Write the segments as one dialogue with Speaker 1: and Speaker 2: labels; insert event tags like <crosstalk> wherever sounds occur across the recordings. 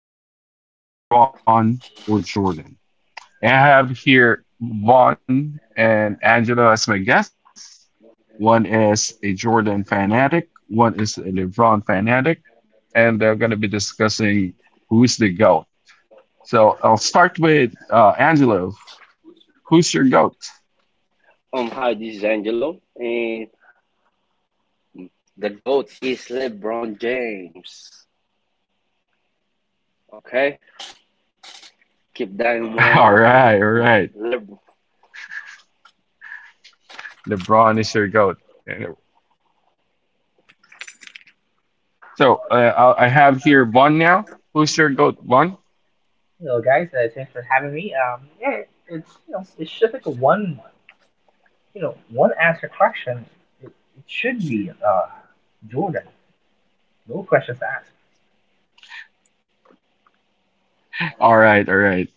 Speaker 1: the GOAT, LeBron or Jordan. And I have here Vaughn and Angelo as my guests. One is a Jordan fanatic, one is a LeBron fanatic and they're going to be discussing who's the goat. So I'll start with Angelo. Who's your goat?
Speaker 2: Hi, this is Angelo, and the GOAT is LeBron James. Okay? Keep that in
Speaker 1: <laughs>
Speaker 2: mind.
Speaker 1: All right, all
Speaker 2: LeBron.
Speaker 1: right. LeBron is your goat. Anyway, So uh, I have here Von now. Who's your goat, Von?
Speaker 3: Hello, guys. Thanks for having me. Yeah, it's just like a one answer question. It, it should be Jordan. No questions asked.
Speaker 1: All right, all right.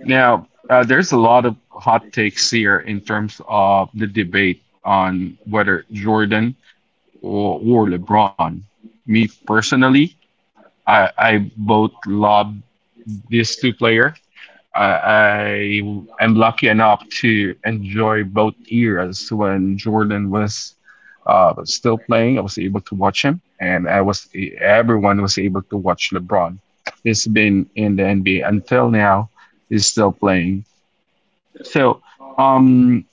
Speaker 1: Now there's a lot of hot takes here in terms of the debate on whether Jordan or LeBron. Me personally, I both love these two players I, I am lucky enough to enjoy both eras. When Jordan was still playing, I was able to watch him, and I was everyone was able to watch LeBron. He's been in the NBA until now. He's still playing. So um,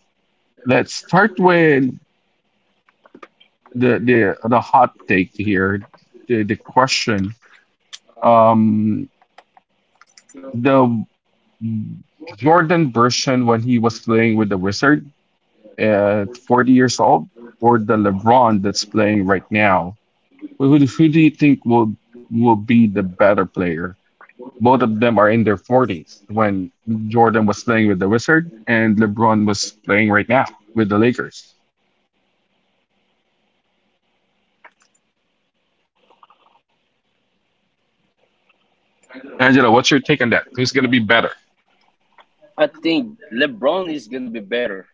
Speaker 1: let's start with the hot take here. The question. Um, the Jordan version when he was playing with the Wizard at 40 years old or the LeBron that's playing right now? Who do you think will be the better player? Both of them are in their 40s when Jordan was playing with the Wizard and LeBron was playing right now with the Lakers. Angela, what's your take on that? Who's going to be better?
Speaker 2: I think LeBron is gonna be better.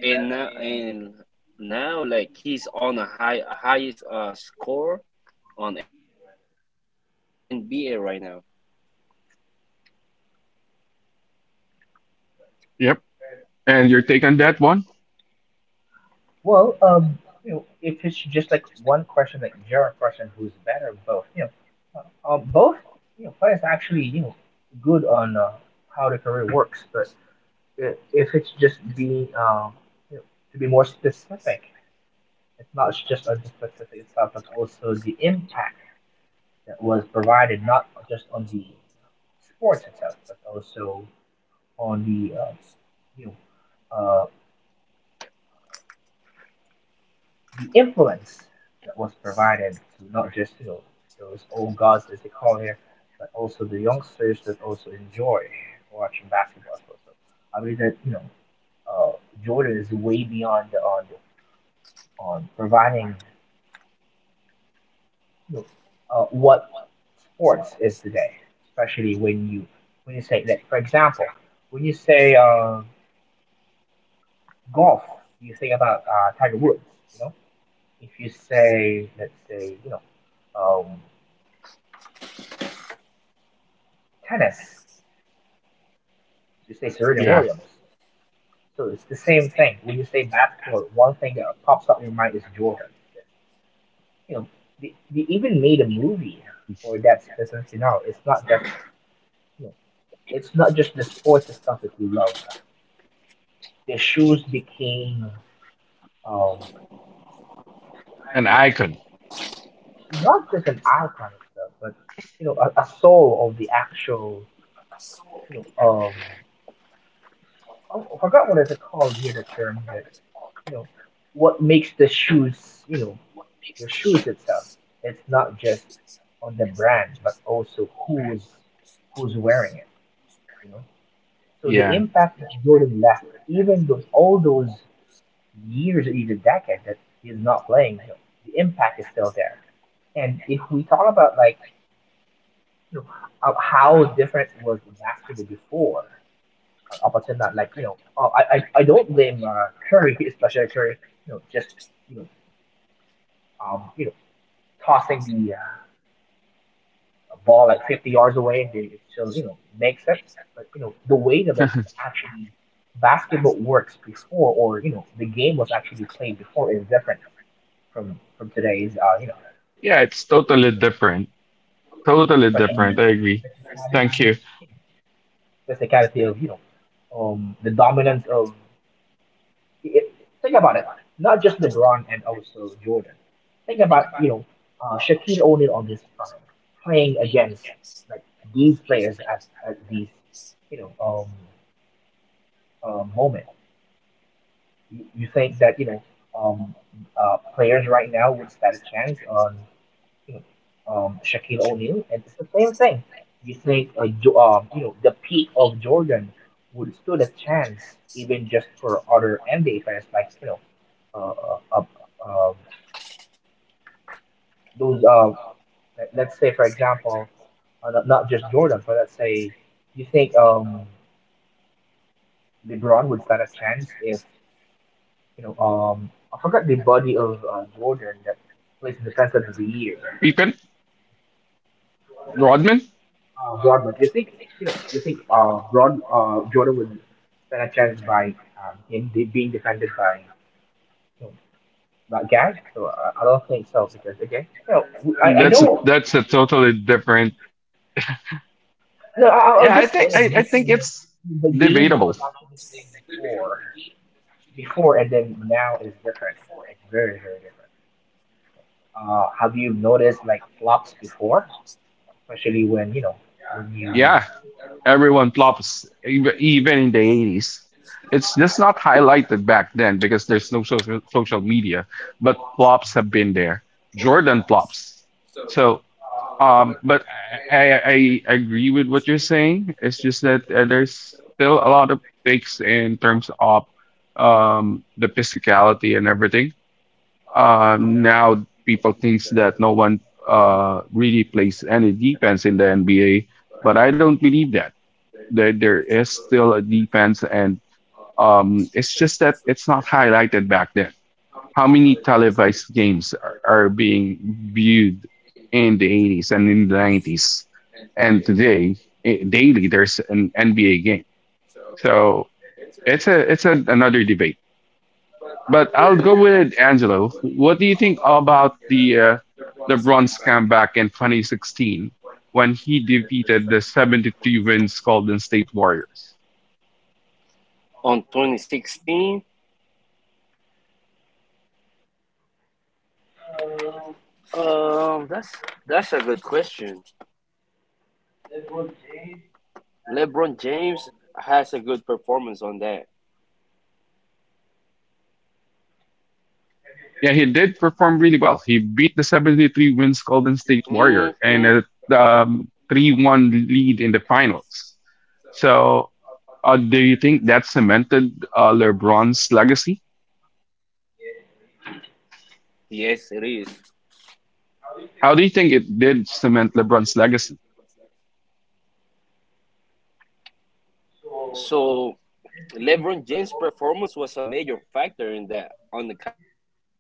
Speaker 2: And now, like he's on a highest score on NBA right now.
Speaker 1: Yep. And your take on that one?
Speaker 3: Well, if it's just like one question, like you're who's better, both, both, players actually, good on how the career works. But if it's just being, you know, to be more specific, it's not just on the specific itself, but also the impact that was provided, not just on the sports itself, but also on the you know uh, the influence that was provided to not just those old gods as they call here, but also the youngsters that also enjoy watching basketball. So, I believe that uh, Jordan is way beyond on providing know, what sports is today, especially when you say that. For example, when you say golf, you think about Tiger Woods. You know, if you say, let's say um, tennis, you say Serena
Speaker 1: Yeah.
Speaker 3: Williams. So it's the same thing. When you say basketball, one thing that pops up in your mind is Jordan. You know, they even made a movie for that specific now. You know, it's not just the sports itself that you love. Their shoes became um,
Speaker 1: An icon.
Speaker 3: not just an icon itself, but a soul of the actual, you know, um, oh, I forgot what it's called here, the term that you know, what makes the shoes, you know, the shoes itself. It's not just on the brand, but also who's wearing it, you know. So the
Speaker 1: Yeah.
Speaker 3: impact that Jordan left, even those all those years or even decades that he's not playing, the impact is still there. And if we talk about like you know how- different was basketball before, up until that, like I don't blame Curry, <laughs> especially Curry, just you know, um, you know, tossing the ball like 50 yards away, and then it still makes sense. But the way
Speaker 1: <laughs>
Speaker 3: that it
Speaker 1: Yeah,
Speaker 3: actually basketball works before, or the game was actually played before is different from today's,
Speaker 1: it's totally different. Totally
Speaker 3: especially
Speaker 1: different.
Speaker 3: the
Speaker 1: I agree. Thank
Speaker 3: technicality,
Speaker 1: you.
Speaker 3: technicality of the dominance of it. Think about it, not just LeBron and also Jordan. Think about Shaquille O'Neal on his prime playing against like these players at these you know um, moment. You think that um, players right now would stand a chance on, you know, Shaquille O'Neal, and it's the same thing. You think, the peak of Jordan would stood a chance even just for other NBA players, like uh, uh, uh, um, those. Let's say, for example, not just Jordan, but let's say you think LeBron would stand a chance if, I forgot the body of Jordan that plays in defense of the year.
Speaker 1: Pippen, Rodman?
Speaker 3: Broadman. You think Broad Jordan would stand a chance by being defended by, you know, that guy? So I don't think so because again, I know.
Speaker 1: That's a totally different.
Speaker 3: No, I was
Speaker 1: Yeah,
Speaker 3: just saying, I'm
Speaker 1: I
Speaker 3: just
Speaker 1: think
Speaker 3: saying that
Speaker 1: it's
Speaker 3: the game was
Speaker 1: debatable.
Speaker 3: actually played before, and then now is different. It's very very different. Have you noticed like flops before, especially when you?
Speaker 1: Yeah, everyone flops, even in the 80s. It's just not highlighted back then because there's no social media, but flops have been there. Jordan flops. So, but I agree with what you're saying. It's just that there's still a lot of takes in terms of the physicality and everything. Now people thinks that no one really plays any defense in the NBA, but I don't believe that. There is still a defense, and it's just that it's not highlighted back then. How many televised games are being viewed in the 80s and in the 90s? And today, eh, daily, there's an NBA game. So another debate. But I'll go with it, Angelo. What do you think about the LeBron's comeback in 2016 when he defeated the 73 wins Golden State Warriors?
Speaker 2: On 2016? Um that's that's a good question. LeBron James has a good performance on that.
Speaker 1: Yeah, he did perform really well. He beat the 73 wins Golden State Warrior
Speaker 2: Hmm.
Speaker 1: and a 3-1 lead in the finals. So, do you think that cemented LeBron's legacy?
Speaker 2: Yes, it is.
Speaker 1: How do you think it did cement LeBron's legacy?
Speaker 2: So LeBron James' performance was a major factor in that on the Cavaliers,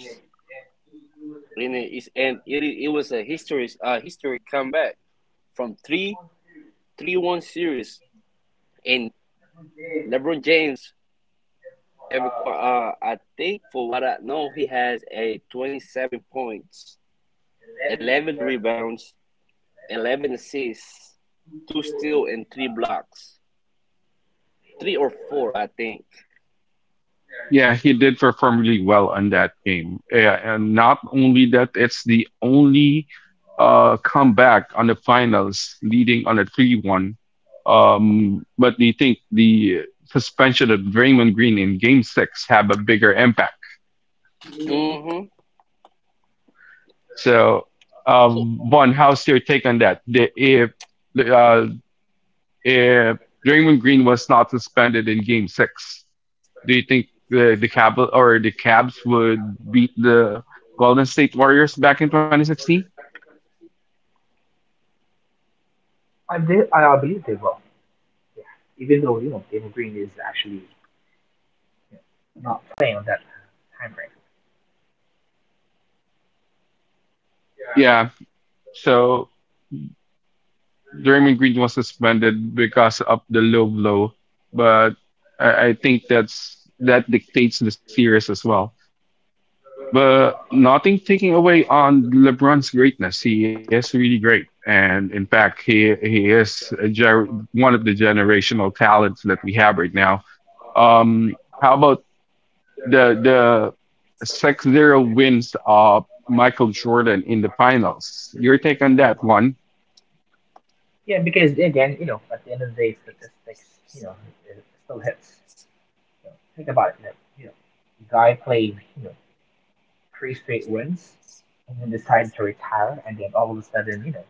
Speaker 2: and it is and it was a historic comeback from three one series, and LeBron James I think for what I know he has a 27 points, 11 rebounds, 11 assists, two steal, and three blocks. Three or four, I think.
Speaker 1: Yeah, he did perform really well on that game. Yeah, and not only that, it's the only comeback on the finals leading on a 3-1. But do you think the suspension of Draymond Green in game six have a bigger impact?
Speaker 2: Mm-hmm.
Speaker 1: So,
Speaker 2: So,
Speaker 1: Vaughn,
Speaker 2: one,
Speaker 1: how's
Speaker 2: how's
Speaker 1: your
Speaker 2: your
Speaker 1: take
Speaker 2: take
Speaker 1: on
Speaker 2: on
Speaker 1: that?
Speaker 2: that?
Speaker 1: The, uh,
Speaker 2: Uh,
Speaker 1: if Draymond Green was not suspended in Game Six, do you think the Cab or the Cabs would beat the Golden State Warriors back in 2016?
Speaker 3: I did. I believe they will. Yeah. Even though David Green is actually not playing on that time frame. Yeah.
Speaker 1: Yeah. So Draymond Green was suspended because of the low blow, but I think that's that dictates the series as well. But nothing taking away on LeBron's greatness. He is really great, and in fact, he is a gen- one of the generational talents that we have right now. How about the 6-0 wins of Michael Jordan in the finals? Your take on that one?
Speaker 3: Yeah, because again, at the end of the day, statistics, you know, it still hits. Think about it. Like, the guy played, three straight wins, and then decided to retire, and then all of a sudden,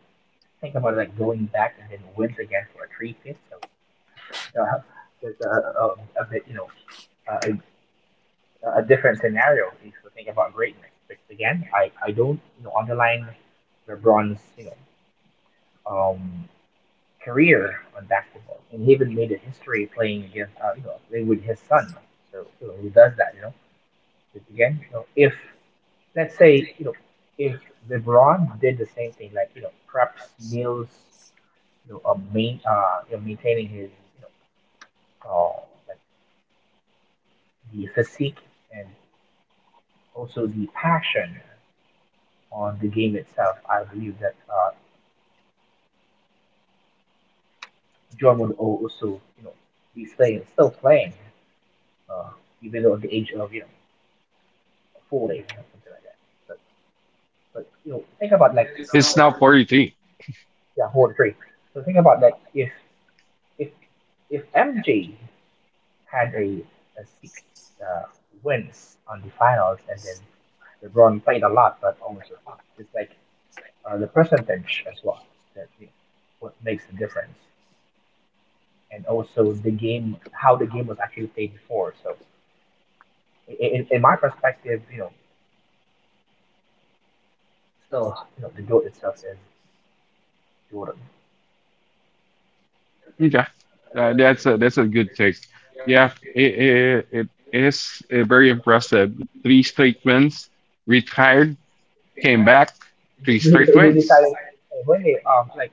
Speaker 3: think about it, like going back and then wins again for a three fifth. So there's a bit, uh, a different scenario if you think about greatness. But again, I don't, underline LeBron's, um, career on basketball, and he even made a history playing against playing with his son. So who does that? 'Cause again, if let's say you know if LeBron did the same thing, like preps meals, maintaining his you know uh, like the physique and also the passion on the game itself, I believe that John would also be playing still playing uh, even though at the age of 40 or something like that. But think about like,
Speaker 1: He's now 43.
Speaker 3: yeah, hold three. So think about like, if if MJ had a six uh, wins on the finals, and then LeBron played a lot, but also, it's like the percentage as well that, what makes the difference, and also the game how the game was actually played before. So in my perspective, still the goat itself is Jordan.
Speaker 1: Okay. That's a good take. Yeah, it is very impressive. Three straight wins, retired, came back, three
Speaker 3: <laughs>
Speaker 1: straight
Speaker 3: It is
Speaker 1: wins.
Speaker 3: deciding when they like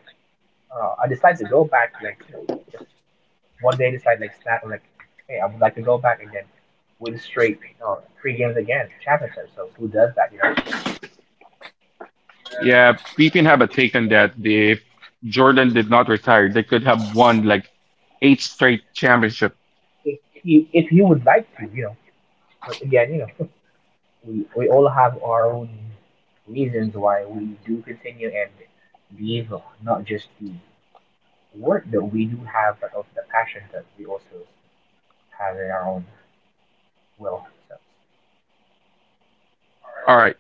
Speaker 3: I decided to go back, like, just one day decide, like, snap, and like, hey, I would like to go back and then win straight three games again, championship. So who does that?
Speaker 1: Yeah, we can have a take on that. If Jordan did not retire, they could have won like 8 straight championship.
Speaker 3: If he would like to, but again, <laughs> we all have our own reasons why we do continue and believe, not just the work that we do have, but also the passion that we also have in our own will. So,
Speaker 1: All right.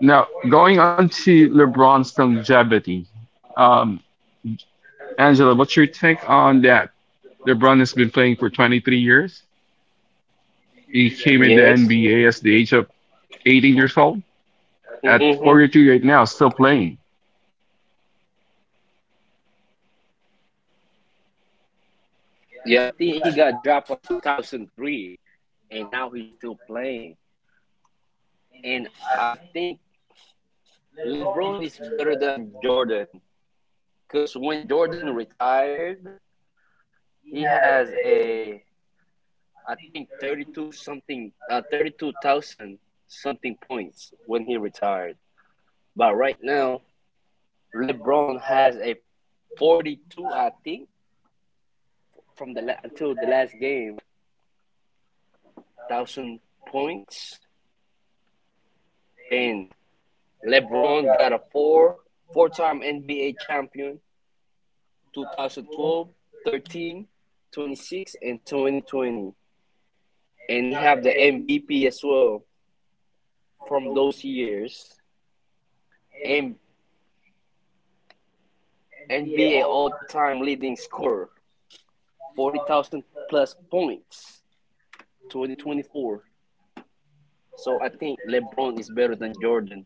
Speaker 1: Now going on to LeBron's longevity. Um, Angela, what's your take on that? LeBron has been playing for 23 years. He
Speaker 2: he came
Speaker 1: came
Speaker 2: in,
Speaker 1: in the
Speaker 2: yes.
Speaker 1: NBA
Speaker 2: And
Speaker 1: as
Speaker 2: he
Speaker 1: the
Speaker 2: just
Speaker 1: age of
Speaker 2: 18 years
Speaker 1: 18
Speaker 2: old.
Speaker 1: years old. At
Speaker 2: Mm-hmm.
Speaker 1: 42 right now, still playing.
Speaker 2: Yeah, I think he got dropped on 2003, and now he's still playing. And I think LeBron is better than Jordan because when Jordan retired, he has a I think 32 something, 32,000 something points when he retired. But right now, LeBron has a 42, I think, from until the last game, thousand points, and LeBron got a four-time NBA champion, 2012, 13, 26, and 2020, and he have the MVP as well from those years, and NBA all-time leading scorer 40,000 plus points 2024. So I think LeBron is better than Jordan.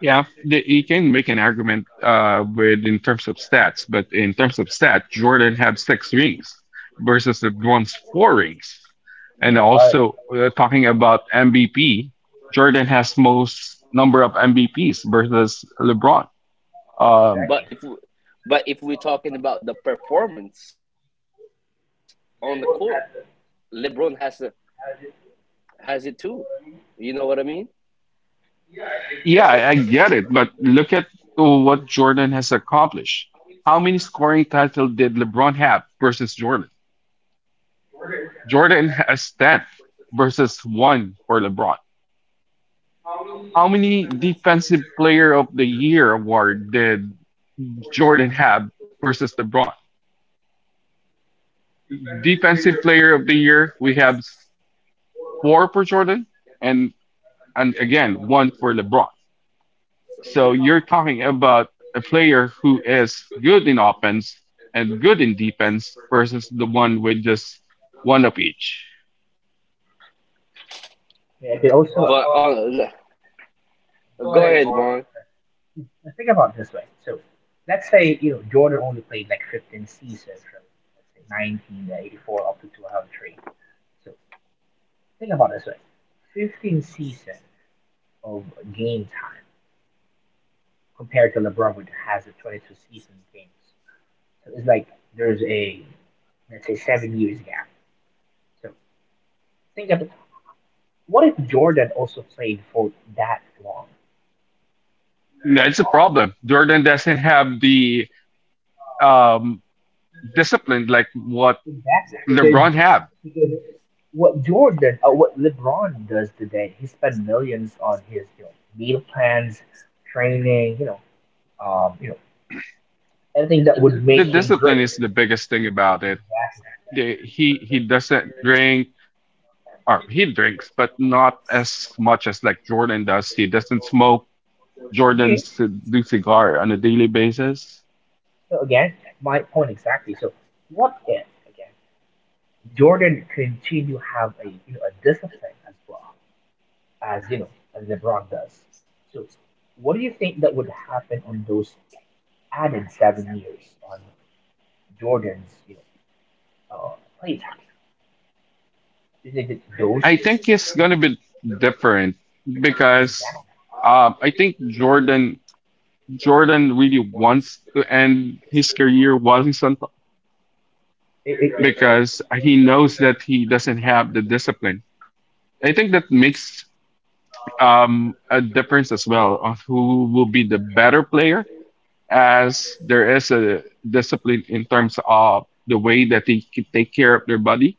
Speaker 1: Yeah, the, you can make an argument with in terms of stats, but in terms of stats, Jordan had 6 rings versus LeBron's 4 rings. And
Speaker 3: yeah.
Speaker 1: also talking about MVP, Jordan has most number of MVPs versus LeBron. Um,
Speaker 2: But
Speaker 3: Exactly.
Speaker 2: if but if we're talking about the performance on the court, LeBron has it too. You know what I mean?
Speaker 1: yeah, I get it, but look at what Jordan has accomplished. How many scoring titles did LeBron have versus Jordan? Jordan has 10 versus 1 for LeBron. How many defensive player of the year award did Jordan have versus LeBron? Defensive player of the year, we have 4 for Jordan and again one for LeBron. So you're talking about a player who is good in offense and good in defense versus the one with just one of each.
Speaker 3: Yeah, I also.
Speaker 2: But Go ahead, Vaughn.
Speaker 3: Now, think about it this way. So let's say Jordan only played like 15 seasons from, let's say, 1984 up to 2003. So think about it this way: 15 seasons of game time compared to LeBron, which has a 22 season games. So it's like there's a, let's say, 7 years gap. So think of it. What if Jordan also played for that long?
Speaker 1: That's a problem. Jordan doesn't have the um, discipline like what
Speaker 3: Exactly, because
Speaker 1: LeBron had.
Speaker 3: because what Jordan or what LeBron does today, he spent millions on his, meal plans, training, um, you know, everything that would
Speaker 1: The
Speaker 3: make him great.
Speaker 1: discipline is the biggest thing about it.
Speaker 3: Exactly.
Speaker 1: He doesn't drink, or he drinks, but not as much as like Jordan does. He doesn't smoke.
Speaker 3: Yeah.
Speaker 1: Jordan's to do cigar on a daily basis.
Speaker 3: So again, my point exactly. So what if, again, Jordan continue have a you know a discipline as well as as LeBron does? So what do you think that would happen on those added 7 years on Jordan's uh, playtime. They did those
Speaker 1: I think it's gonna be different because
Speaker 3: examples.
Speaker 1: I think Jordan really wants to end his career while he's on top
Speaker 3: It, it, it,
Speaker 1: because he knows that he doesn't have the discipline. I think that makes a difference as well of who will be the better player, as there is a discipline in terms of the way that they c- take care of their body.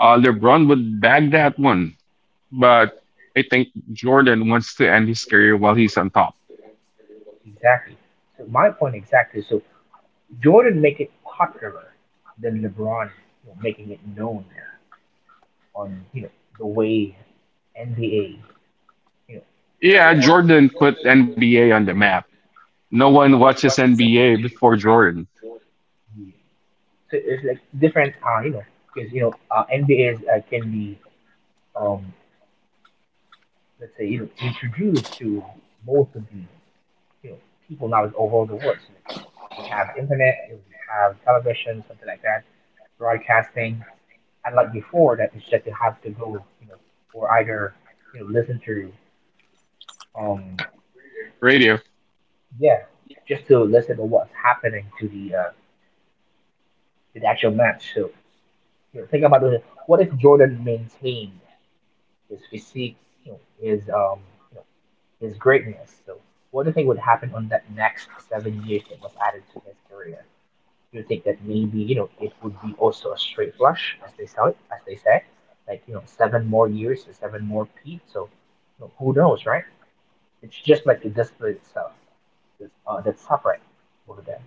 Speaker 1: LeBron would bag that one, but I think Jordan wants to end his career while he's on top.
Speaker 3: exactly. So my point exactly. So Jordan make it popular than LeBron, making it known on the way NBA you know.
Speaker 1: Yeah, Jordan put NBA on the map. No one watches NBA before Jordan.
Speaker 3: the- So it's like different, because NBA is, can be, um, let's say, introduced to most of the you know people now all over the world. So, we have internet, we have television, something like that, broadcasting, and like before that, it's that you have to go, or either, listen to um
Speaker 1: Radio.
Speaker 3: yeah, just to listen to what's happening to the actual match. So, think about it, what if Jordan maintained his physique, his you his greatness. So what do you think would happen on that next 7 years that was added to his career? Do you think that maybe it would be also a straight flush, as they saw it, as they say, like, seven more years or seven more peaks? So who knows, right? It's just like the display itself that's suffering over there.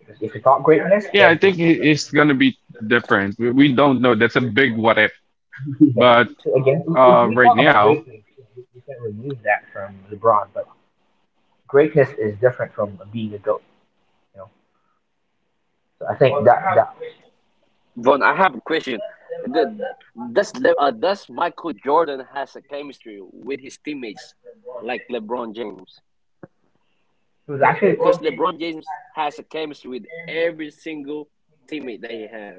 Speaker 3: Because if you talk greatness,
Speaker 1: Yeah,
Speaker 3: then
Speaker 1: I
Speaker 3: it.
Speaker 1: think
Speaker 3: Yeah.
Speaker 1: it's gonna be different. We don't know. That's a big what if.
Speaker 3: <laughs> Yeah.
Speaker 1: But
Speaker 3: So again, if we
Speaker 1: right
Speaker 3: talk about
Speaker 1: now,
Speaker 3: greatness, we can remove that from LeBron. But greatness is different from being a goat. You know. So I think, well,
Speaker 2: Vaughn,
Speaker 3: that
Speaker 2: I
Speaker 3: that
Speaker 2: have a question. Uh, does Michael Jordan has a chemistry with his teammates like LeBron James?
Speaker 3: it was so
Speaker 2: Because
Speaker 3: actually.
Speaker 2: LeBron James has a chemistry with every single teammate that he have.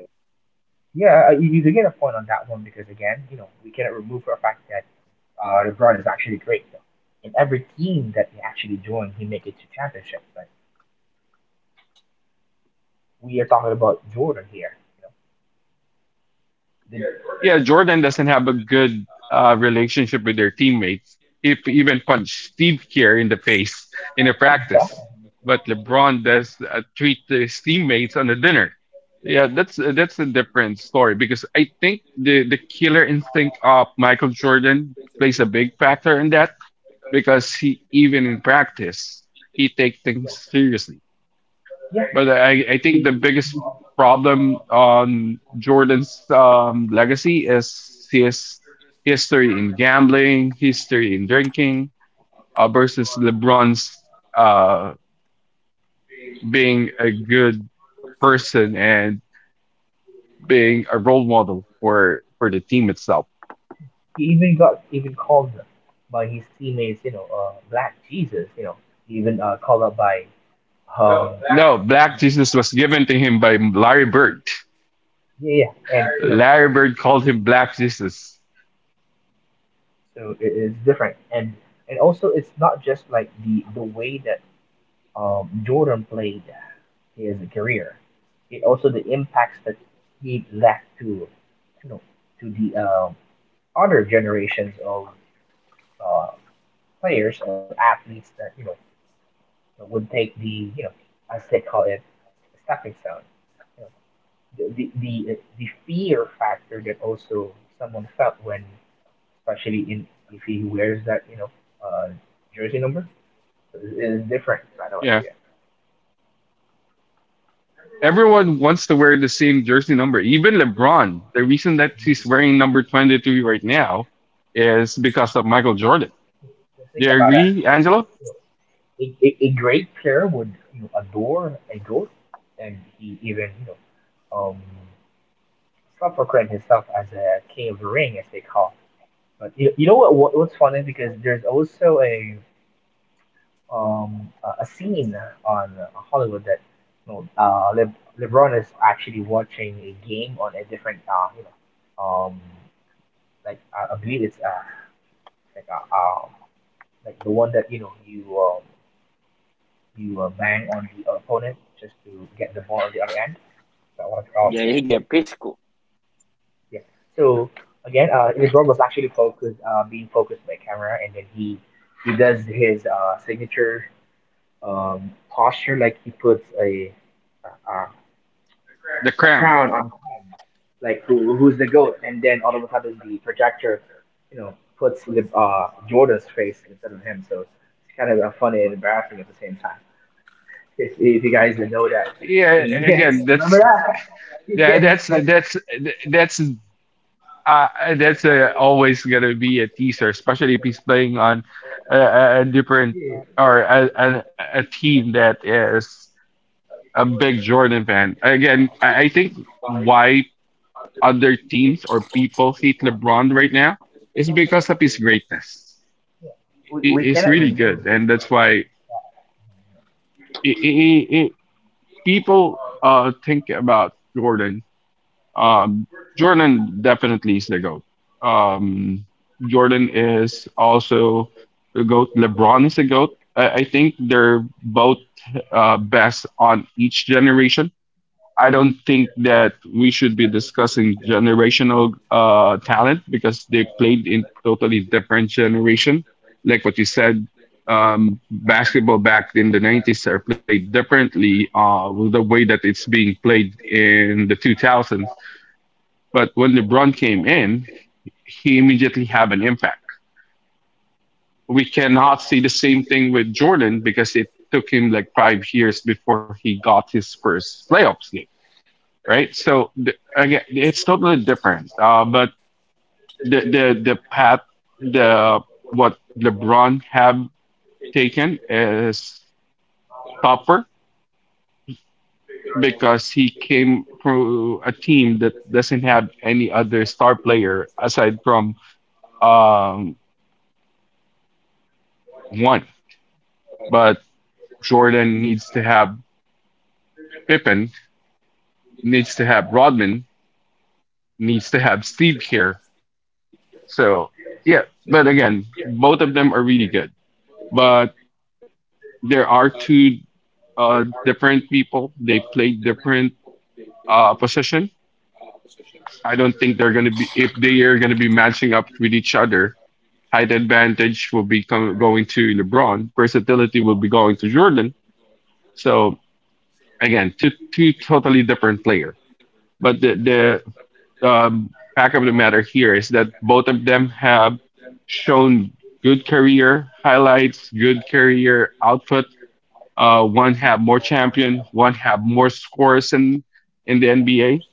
Speaker 3: Yeah, you get a point on that one because again, we cannot remove the fact that LeBron is actually great. Though. In every team that he actually joined, he make it to championship. But we are talking about Jordan here. You know, the Yeah.
Speaker 1: yeah, Jordan doesn't have a good relationship with their teammates. If he even punched Steve Kerr in the face in a
Speaker 3: But
Speaker 1: practice, but LeBron does treat his teammates on a dinner. Yeah, that's a different story because I think the killer instinct of Michael Jordan plays a big factor in that because he even in practice he takes things seriously,
Speaker 3: yeah,
Speaker 1: but I think the
Speaker 3: he
Speaker 1: biggest problem on Jordan's legacy is his history in gambling, history in drinking, versus LeBron's uh, being a good person and being a role model for the team itself.
Speaker 3: even got even called by his teammates, Black Jesus, even called up by um,
Speaker 1: No, Black Jesus was given to him by Larry Bird.
Speaker 3: yeah, yeah,
Speaker 1: Larry Bird called him Black Jesus.
Speaker 3: so it's different. And also it's not just like the way that Jordan played his career, it also the impacts that he left to you know to the other generations of uh, players or athletes that would make the, as they call it, stepping stone. You know, the, the, the fear factor that also someone felt when, especially in, if he wears that, uh, jersey number. So it's different, by the way.
Speaker 1: Yeah.
Speaker 3: Yeah.
Speaker 1: Everyone wants to wear the same jersey number. Even LeBron, the reason that he's wearing number 23 right now is because of Michael Jordan.
Speaker 3: So
Speaker 1: Do
Speaker 3: think
Speaker 1: you
Speaker 3: about that.
Speaker 1: agree, Angelo?
Speaker 3: You know, a great player would, adore a goat, and he even, um, self proclaimed himself as a king of the ring, as they call. But you know what, what's funny, because there's also a scene on Hollywood that you know uh Le- LeBron is actually watching a game on a different like I believe it's like uh, um like the one that you bang on the opponent just to get the ball on the other end. Is that what it's
Speaker 2: Yeah,
Speaker 3: called?
Speaker 2: he get physical.
Speaker 3: Yeah. So again, LeBron was actually focused, being focused by camera, and then he does his signature posture, like he puts a, a
Speaker 1: The
Speaker 3: a
Speaker 1: crown.
Speaker 3: crown on Kong, like who's the goat, and then all of a sudden the projector, you know, puts Jordan's face instead of him. So it's kind of funny and embarrassing at the same time. <laughs> If you guys know that
Speaker 1: Yeah,
Speaker 3: scene, <laughs> yeah,
Speaker 1: again,
Speaker 3: remember that? <laughs> Yeah,
Speaker 1: that's that's uh, that's always gonna be a teaser, especially if he's playing on a different
Speaker 3: yeah.
Speaker 1: or a team that is a big Jordan fan. Again, I think why other teams or people hate LeBron right now is because of his greatness.
Speaker 3: We,
Speaker 1: He
Speaker 3: we
Speaker 1: is
Speaker 3: cannot
Speaker 1: really good,
Speaker 3: remember.
Speaker 1: and that's why i- i- i- people think about Jordan. Um, Jordan definitely is the goat. Um, Jordan is also the goat. LeBron is the goat. I think they're both best on each generation. I don't think that we should be discussing generational talent because they played in totally different generation. Like what you said, basketball back in the 90s are played differently with the way that it's being played in the 2000s. But when LeBron came in, he immediately had an impact. We cannot see the same thing with Jordan because it took him like 5 years before he got his first playoffs game, right? So again, it's totally different. But the path the what LeBron have taken is tougher because he came through a team that doesn't have any other star player aside from um one. But Jordan needs to have Pippen, needs to have Rodman, needs to have Steve here. So yeah, but again, both of them are really good. But there are two different people. They play different position. I don't think they're going to be if they are going to be matching up with each other. Height advantage will be com- going to LeBron. Versatility will be going to Jordan. So again, two totally different player. But the fact of the matter here is that both of them have shown good career highlights, good career output. One have more champion, one have more scores in the NBA.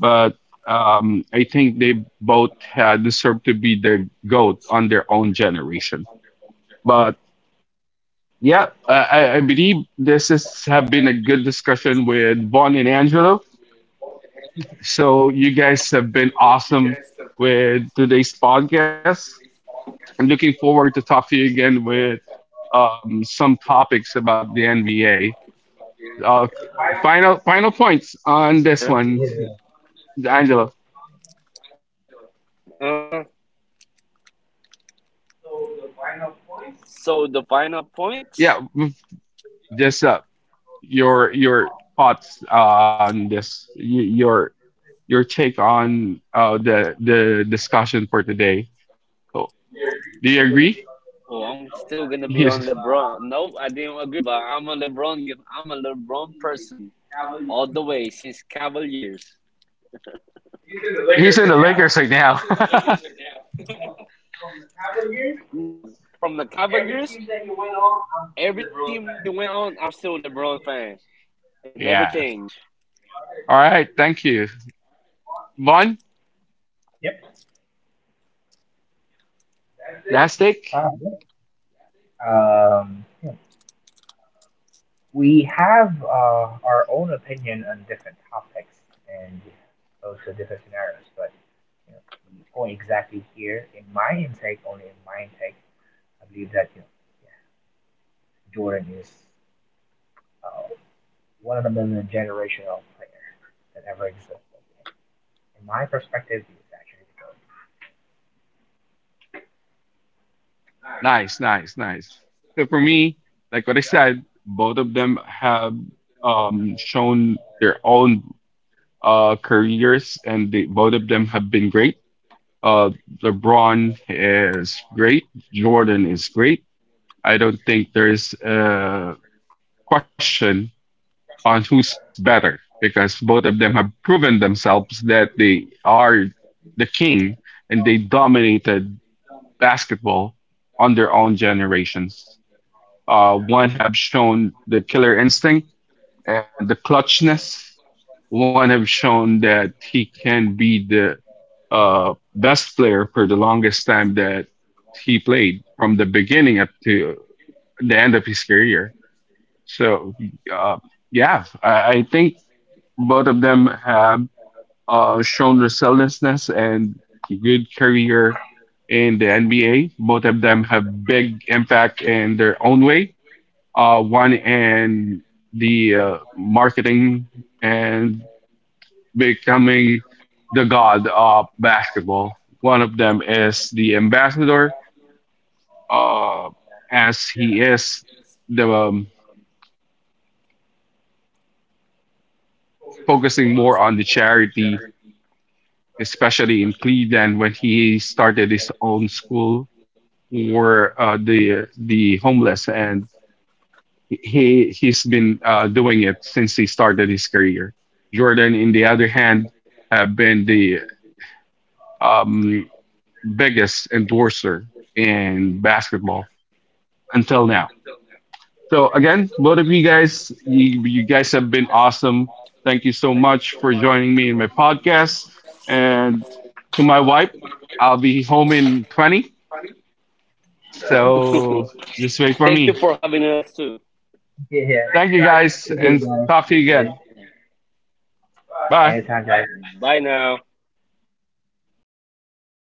Speaker 1: But I think they both deserve to be the goat on their own generation. But yeah, I believe this has have been a good discussion with Vaughn and Angelo. So you guys have been awesome with today's podcast. I'm looking forward to talk to you again with some topics about the NBA. Uh,
Speaker 2: Definitely, sir.
Speaker 1: final points on this
Speaker 3: <laughs>
Speaker 1: one,
Speaker 3: Yeah.
Speaker 1: Angelo.
Speaker 2: Uh-huh. So the final points.
Speaker 1: Yeah, just your thoughts on this, your your take on the discussion for today. So,
Speaker 2: Oh, I'm
Speaker 1: do you
Speaker 2: still gonna
Speaker 1: agree?
Speaker 2: be on LeBron. No, I didn't
Speaker 1: He's
Speaker 2: agree, but I'm a LeBron person all the way since Cavaliers.
Speaker 1: he's in the Lakers right now. <laughs>
Speaker 2: No, from the Cavaliers, every team that he went on, I'm still a LeBron fan. It never changed.
Speaker 1: Yeah. All right. Thank you, Vaughn.
Speaker 3: Yep.
Speaker 1: Last take.
Speaker 3: Uh, yeah. Yeah, we have our own opinion on different topics and also different scenarios. But you know, the point exactly here in my intake, only in my intake, I believe that, yeah, Jordan is uh, one of the million generational player that ever existed. In my perspective, he is actually the GOAT. Nice.
Speaker 1: Nice, nice, nice. So for me, like what I said, both of them have shown their own careers, and both of them have been great. Uh, LeBron is great. Jordan is great. I don't think there is a question on who's better because both of them have proven themselves that they are the king and they dominated basketball on their own generations. One have shown the killer instinct and the clutchness. One have shown that he can be the best player for the longest time that he played from the beginning up to the end of his career. So, uh, yeah, I think both of them have shown resilientness and good career in the NBA. Both of them have big impact in their own way, one in the marketing and becoming the god of basketball. One of them is the ambassador, uh, as he is the focusing more on the charity, especially in Cleveland when he started his own school for the homeless and he's been doing it since he started his career. Jordan, in the other hand, have been the um, biggest endorser in basketball until now. So again, both of you guys, you guys have been awesome. Thank you so much for joining me in my podcast. And to my wife, I'll be home in 20. So just wait for
Speaker 2: Thank you
Speaker 1: me.
Speaker 2: for having us too.
Speaker 3: Yeah. Thank you
Speaker 1: Thank you
Speaker 3: guys.
Speaker 1: guys
Speaker 3: Thank you
Speaker 1: and talk to you
Speaker 3: guys.
Speaker 1: again. Bye.
Speaker 3: Anytime, guys.
Speaker 2: Bye now.